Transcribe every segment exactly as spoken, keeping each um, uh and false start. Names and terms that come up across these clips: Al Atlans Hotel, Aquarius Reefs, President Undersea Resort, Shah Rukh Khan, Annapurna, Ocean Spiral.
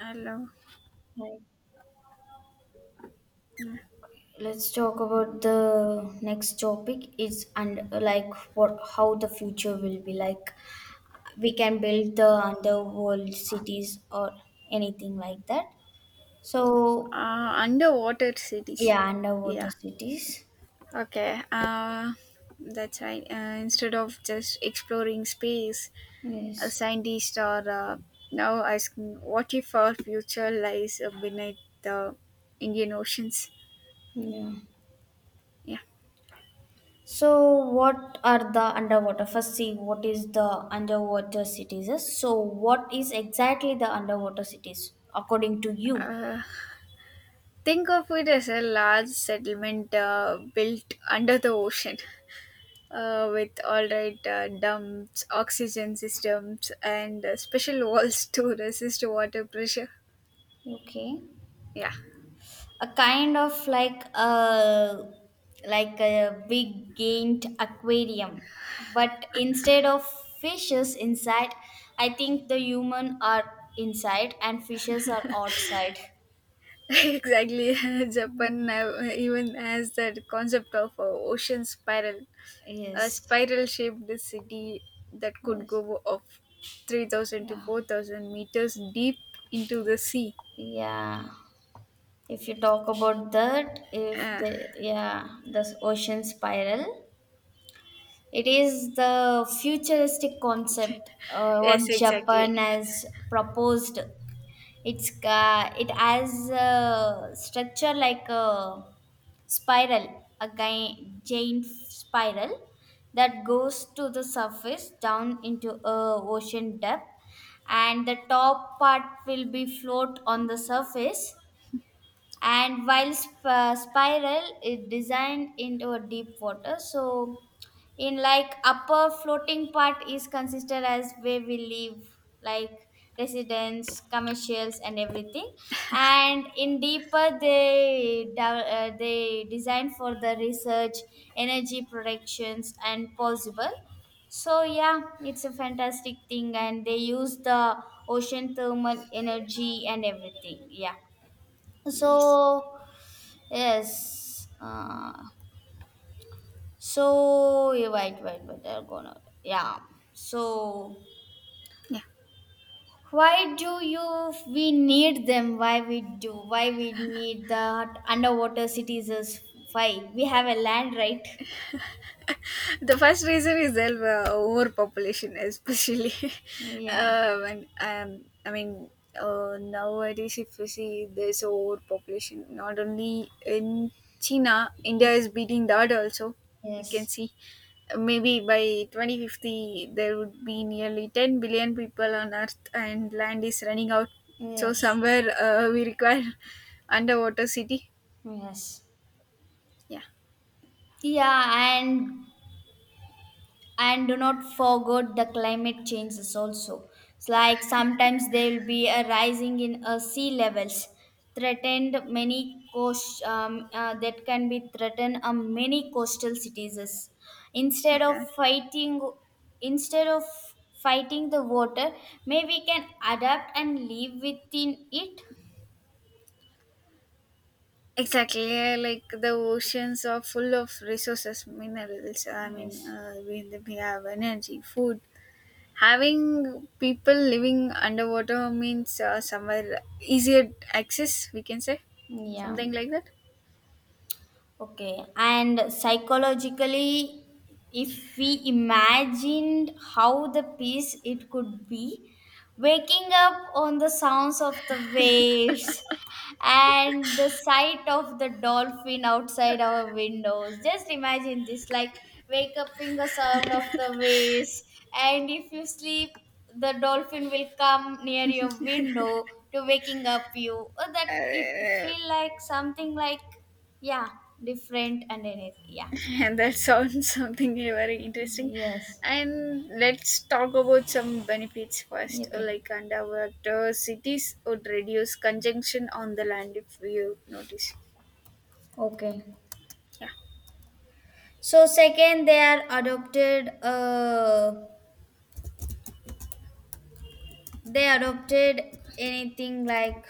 I love Right. Let's talk about the next topic is and like what how the future will be like. We can build the underworld cities or anything like that. So uh, underwater cities. yeah, Yeah. underwater cities. Okay. Uh, that's right. Uh, instead of just exploring space, a Yes. scientist are uh, now asking what if our future lies uh, beneath the Indian oceans. Yeah. Yeah. So what are the underwater? First, see what is the underwater cities. So what is exactly the underwater cities according to you? Uh, think of it as a large settlement uh, built under the ocean. Uh, with all right uh, dumps, oxygen systems, and uh, special walls to resist water pressure. Okay. Yeah, A kind of like a like a big gained aquarium but instead of fishes inside, I think the human are inside and fishes are outside. exactly. Japan now even has that concept of a ocean spiral, a Yes, spiral-shaped city that could yes, go of three thousand to yeah, four thousand meters deep into the sea. yeah. If you talk about that, if Uh, the, yeah, the ocean spiral, it is the futuristic concept, uh, what yes, Japan exactly. has proposed. It's ca it has a structure like a spiral, a gi- giant spiral that goes to the surface down into a ocean depth, and the top part will be float on the surface. And while sp- uh, spiral is designed into a deep water, so in like upper floating part is considered as where we live like residence commercials and everything. And in deeper they de- uh, they design for the research, energy productions and possible. So yeah, it's a fantastic thing and they use the ocean thermal energy and everything. Yeah. Yes. So yes, uh, so yeah, wait, wait, wait. They're gonna, yeah. So Yeah. why do you we need them? Why we do? Why we need the underwater cities? Is why we have a land, right? The first reason is el- uh, overpopulation, especially. Yeah. um, and um, I mean, uh, nowadays, if you see, there's overpopulation. Not only in China, India is beating that also. You can Yes. see, uh, maybe by twenty fifty, there would be nearly ten billion people on Earth, and land is running out. So Yes. somewhere, uh, we require underwater city. Yes. Yeah. Yeah, and and do not forget the climate changes also. It's like sometimes there will be a rising in uh, sea levels, threatened many coast, um, uh, that can be threatened uh, many coastal cities. Instead of Okay. fighting, instead of fighting the water, maybe we can adapt and live within it. Exactly, yeah, like the oceans are full of resources, minerals. I mean, Yes, uh, we, we have energy, food. Having people living underwater means uh, somewhere easier access, we can say. yeah. Something like that. Okay, and psychologically, if we imagined how the peace it could be, waking up on the sounds of the waves and the sight of the dolphin outside our windows. Just imagine this, like wake up in the sound of the waves, and if you sleep, the dolphin will come near your window to waking up you. Oh, that it Uh, feel like something like, yeah, different and anything. Yeah. and that sounds something very interesting. Yes. And let's talk about some benefits first. Uh, okay, Like underwater cities would reduce congestion on the land if you notice. okay. Yeah. So second, they are adopted. Uh, they adopted anything like,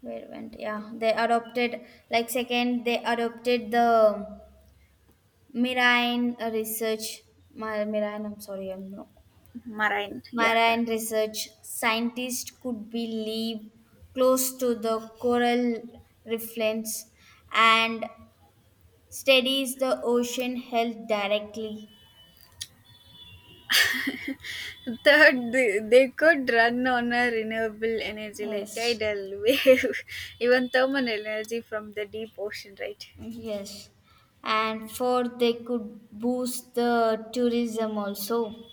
where it went? Yeah, they adopted like second. They adopted the marine research. My marine. I'm sorry. I'm no Marine, yeah, yeah. marine research scientist could be live close to the coral reefs and studies the ocean health directly. Third, they, they could run on a renewable energy like Yes. tidal wave, even thermal energy from the deep ocean, right? Yes, and for they could boost the tourism also.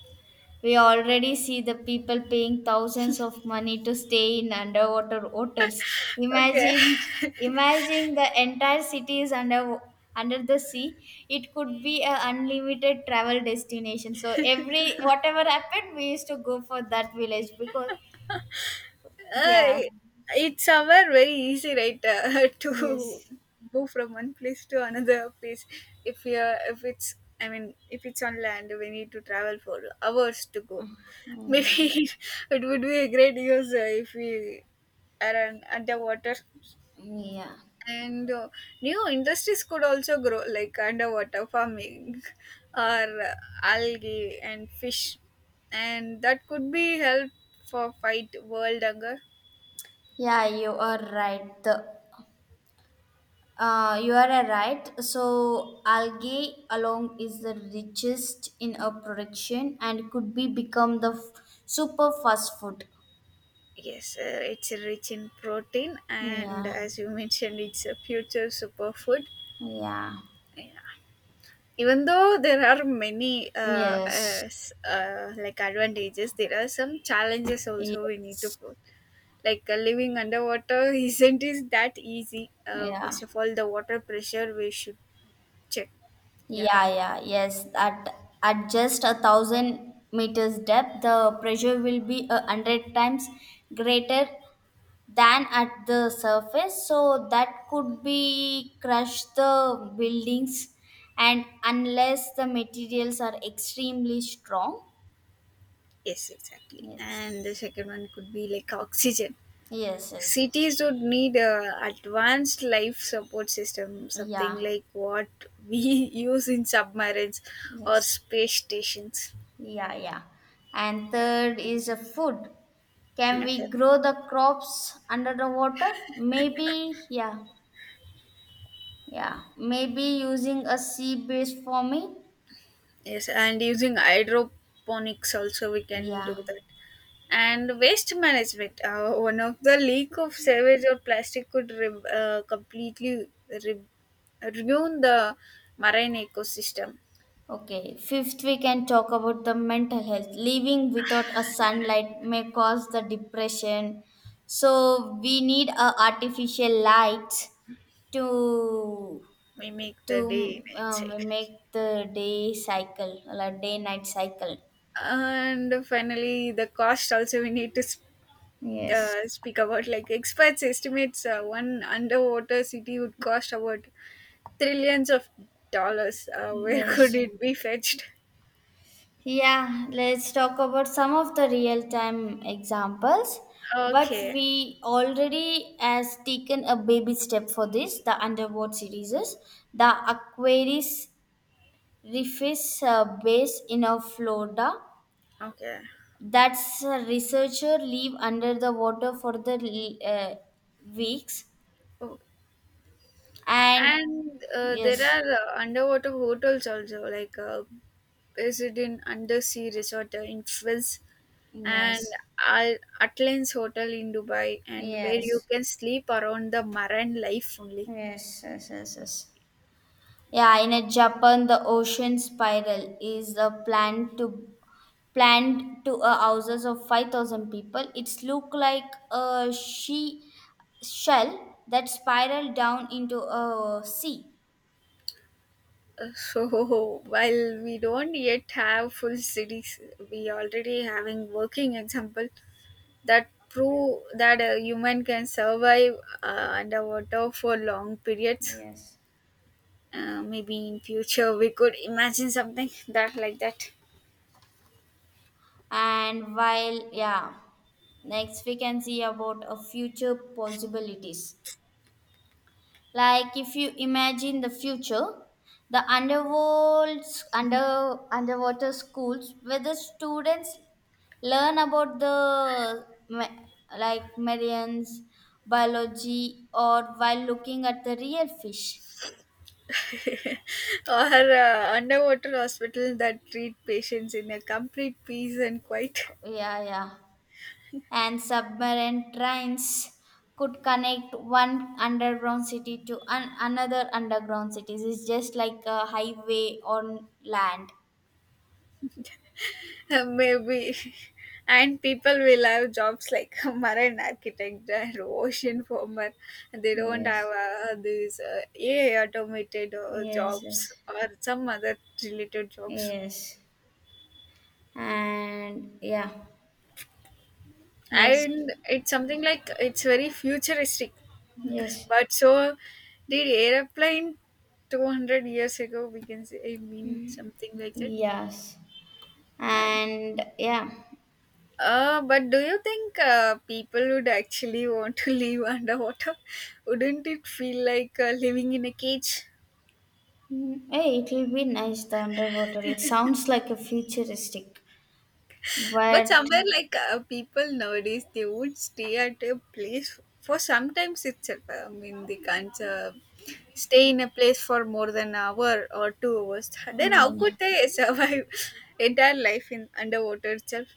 We already see the people paying thousands of money to stay in underwater hotels. Okay. Imagine, imagine the entire city is under under the sea. It could be a unlimited travel destination. So every whatever happened, we used to go for that village because Uh, yeah. it's somewhere very easy, right, uh, to Yes. go from one place to another place. If you are if it's, I mean, if it's on land, we need to travel for hours to go. Mm. Maybe it would be a great use uh, if we are on underwater. Yeah. And uh, new industries could also grow, like underwater farming or uh, algae and fish, and that could be help for fight world hunger. Yeah, you are right. The Uh, you are uh, right. So algae alone is the richest in a production and could be become the f- super fast food. Yes, uh, it's rich in protein, and Yeah, as you mentioned, it's a future superfood. yeah, Yeah. Even though there are many uh, uh, yes, s- uh, like advantages, there are some challenges also we need to yes, put, like uh, living underwater isn't is that easy. uh, yeah, First of all, the water pressure we should check. Yeah, yeah, yeah, yes. At at just a thousand meters depth, the pressure will be a hundred times greater than at the surface, so that could be crush the buildings and unless the materials are extremely strong. yes, exactly. Yes, And the second one could be like oxygen. yes, yes, yes, Cities would need a advanced life support system, something yeah, like what we use in submarines or yes, space stations. yeah, yeah. And third is a food. Can Okay. we grow the crops under the water? Maybe yeah, yeah, maybe using a sea based farming. Yes, and using hydroponics also we can do Yeah. that. And waste management. Uh, one of the leak of sewage or plastic could re- uh, completely re- ruin the marine ecosystem. Okay, fifth, we can talk about the mental health. Living without a sunlight may cause the depression. So we need a artificial light to We make to the day night cycle. um, make the day cycle, like day night cycle. And finally, the cost also we need to sp- Yes, uh, speak about. Like experts estimates uh, one underwater city would cost about trillions of dollars. Uh, where could yes. it be fetched? Yeah, let's talk about some of the real time examples. But Okay. we already has taken a baby step for this, the underwater series. The Aquarius Reefs uh, base in uh, Florida. Okay. That's a researcher live under the water for the uh, weeks. Oh, And and uh, there yes, are uh, underwater hotels also, like uh, President Undersea Resort uh, in Fils and yes, Al Atlans Hotel in Dubai, and where you yes, can sleep around the marine life only. yes, yes, yes, yes. Yeah, in a Japan, the ocean spiral is a plan to planned to a houses of five thousand people. It's look like a she shell that spiral down into a sea. Uh, So while we don't yet have full cities, we already having working example that prove that a human can survive uh, underwater for long periods. Yes. Uh, maybe in future we could imagine something that like that. And while yeah, next we can see about a future possibilities. Like if you imagine the future, the underworlds, under underwater schools where the students learn about the ma- like marines, biology, or while looking at the real fish. Or uh, underwater hospital that treat patients in a complete peace and quiet. Yeah, yeah. And submarine trains could connect one underground city to an- another underground city. It's just like a highway on land. Uh, maybe and people will have jobs like marine architect and ocean farmer. They don't have Yes, uh, these uh, ai automated uh, yes, jobs yes. or some other related jobs. Yes. And yeah. Next. And it's something like it's very futuristic, Yes. but so did airplane two hundred years ago, we can say, i mean something like that. Yes. And And yeah. uh but do you think uh, people would actually want to live underwater? Wouldn't it feel like uh, living in a cage? Mm, hey, it will be nice the underwater. It sounds like a futuristic, But but somewhere like uh, people nowadays, they would stay at a place for sometimes itself. I mean, they can't uh, stay in a place for more than an hour or two hours. Then how could yeah. they survive entire life in underwater itself?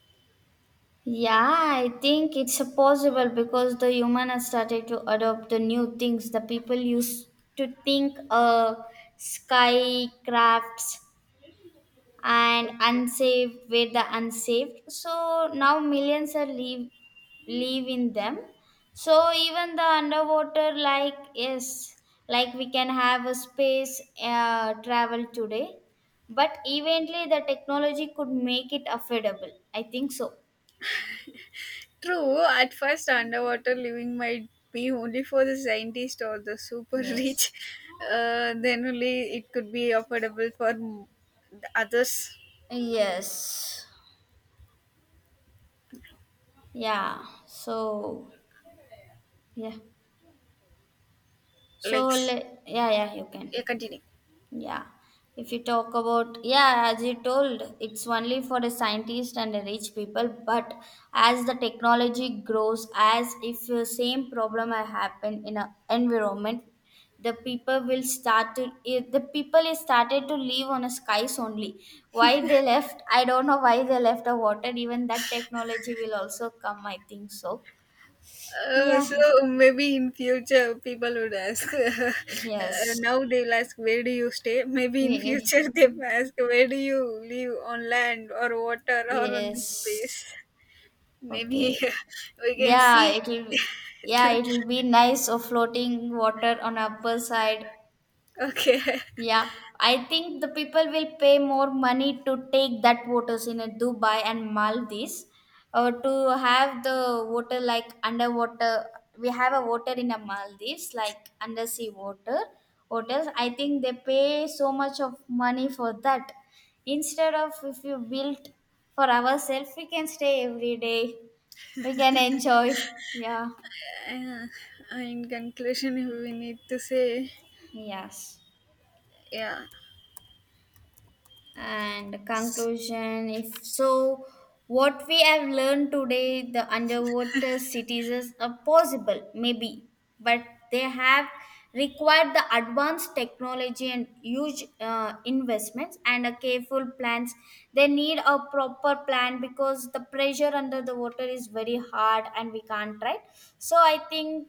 Yeah, I think it's a possible because the human has started to adopt the new things. The people used to think uh skycrafts and unsaved were the unsaved, so now millions are live live in them. So even the underwater like yes, like we can have a space uh, travel today, but eventually the technology could make it affordable, I think so. True, at first underwater living might be only for the scientist or the super Yes, rich. Uh, then only it could be affordable for m- the others. yes, yeah, so yeah, so Like, s- le- yeah, yeah, you can. yeah, continue. Yeah. If you talk about, yeah, as you told, it's only for a scientist and the rich people. But as the technology grows, as if the same problem had happened in a environment, the people will start to, if the people is started to live on a skies only. Why they left, I don't know why they left the water. Even that technology will also come, I think so. Uh, so Yeah. maybe in future people would ask, uh, Yes. now they will ask, where do you stay. Maybe Eh, in eh, future they will ask, where do you live, on land or water or on the yes. space. Maybe Okay. we can Yeah, see. it'll be, yeah, it'll be nice of floating water on upper side. Okay. Yeah, I think the people will pay more money to take that waters in a Dubai and Maldives, or to have the water like underwater. We have a water in a Maldives, like undersea water hotels. I think they pay so much of money for that. Instead of if you built for ourselves, we can stay every day. We can enjoy. Yeah. Uh, in conclusion, we need to say, Yes. yeah, And conclusion, if so, what we have learned today, the underwater cities are possible, maybe, but they have required the advanced technology and huge uh, investments and a careful plans. They need a proper plan because the pressure under the water is very hard and we can't, right? So I think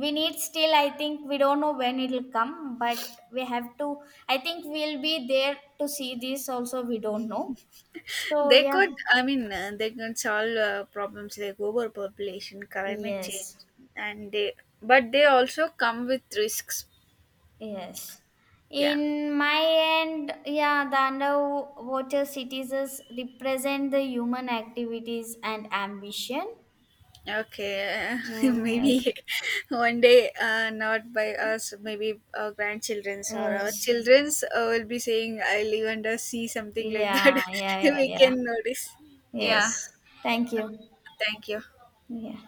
we need still, I think we don't know when it'll come, but we have to, I think we'll be there to see this also, we don't know. So they yeah. could I mean uh, they can solve uh, problems like overpopulation, climate Yes, change, and they but they also come with risks. yes. Yeah. In my end, yeah, the underwater cities is- represent the human activities and ambition. Okay, maybe Yes, one day, uh, not by us, maybe our grandchildrens or our yes, childrens uh, will be saying, I'll even just see something like that. yeah, yeah, yeah, We yeah, can notice. Yeah, yes, thank you. thank you. Yeah.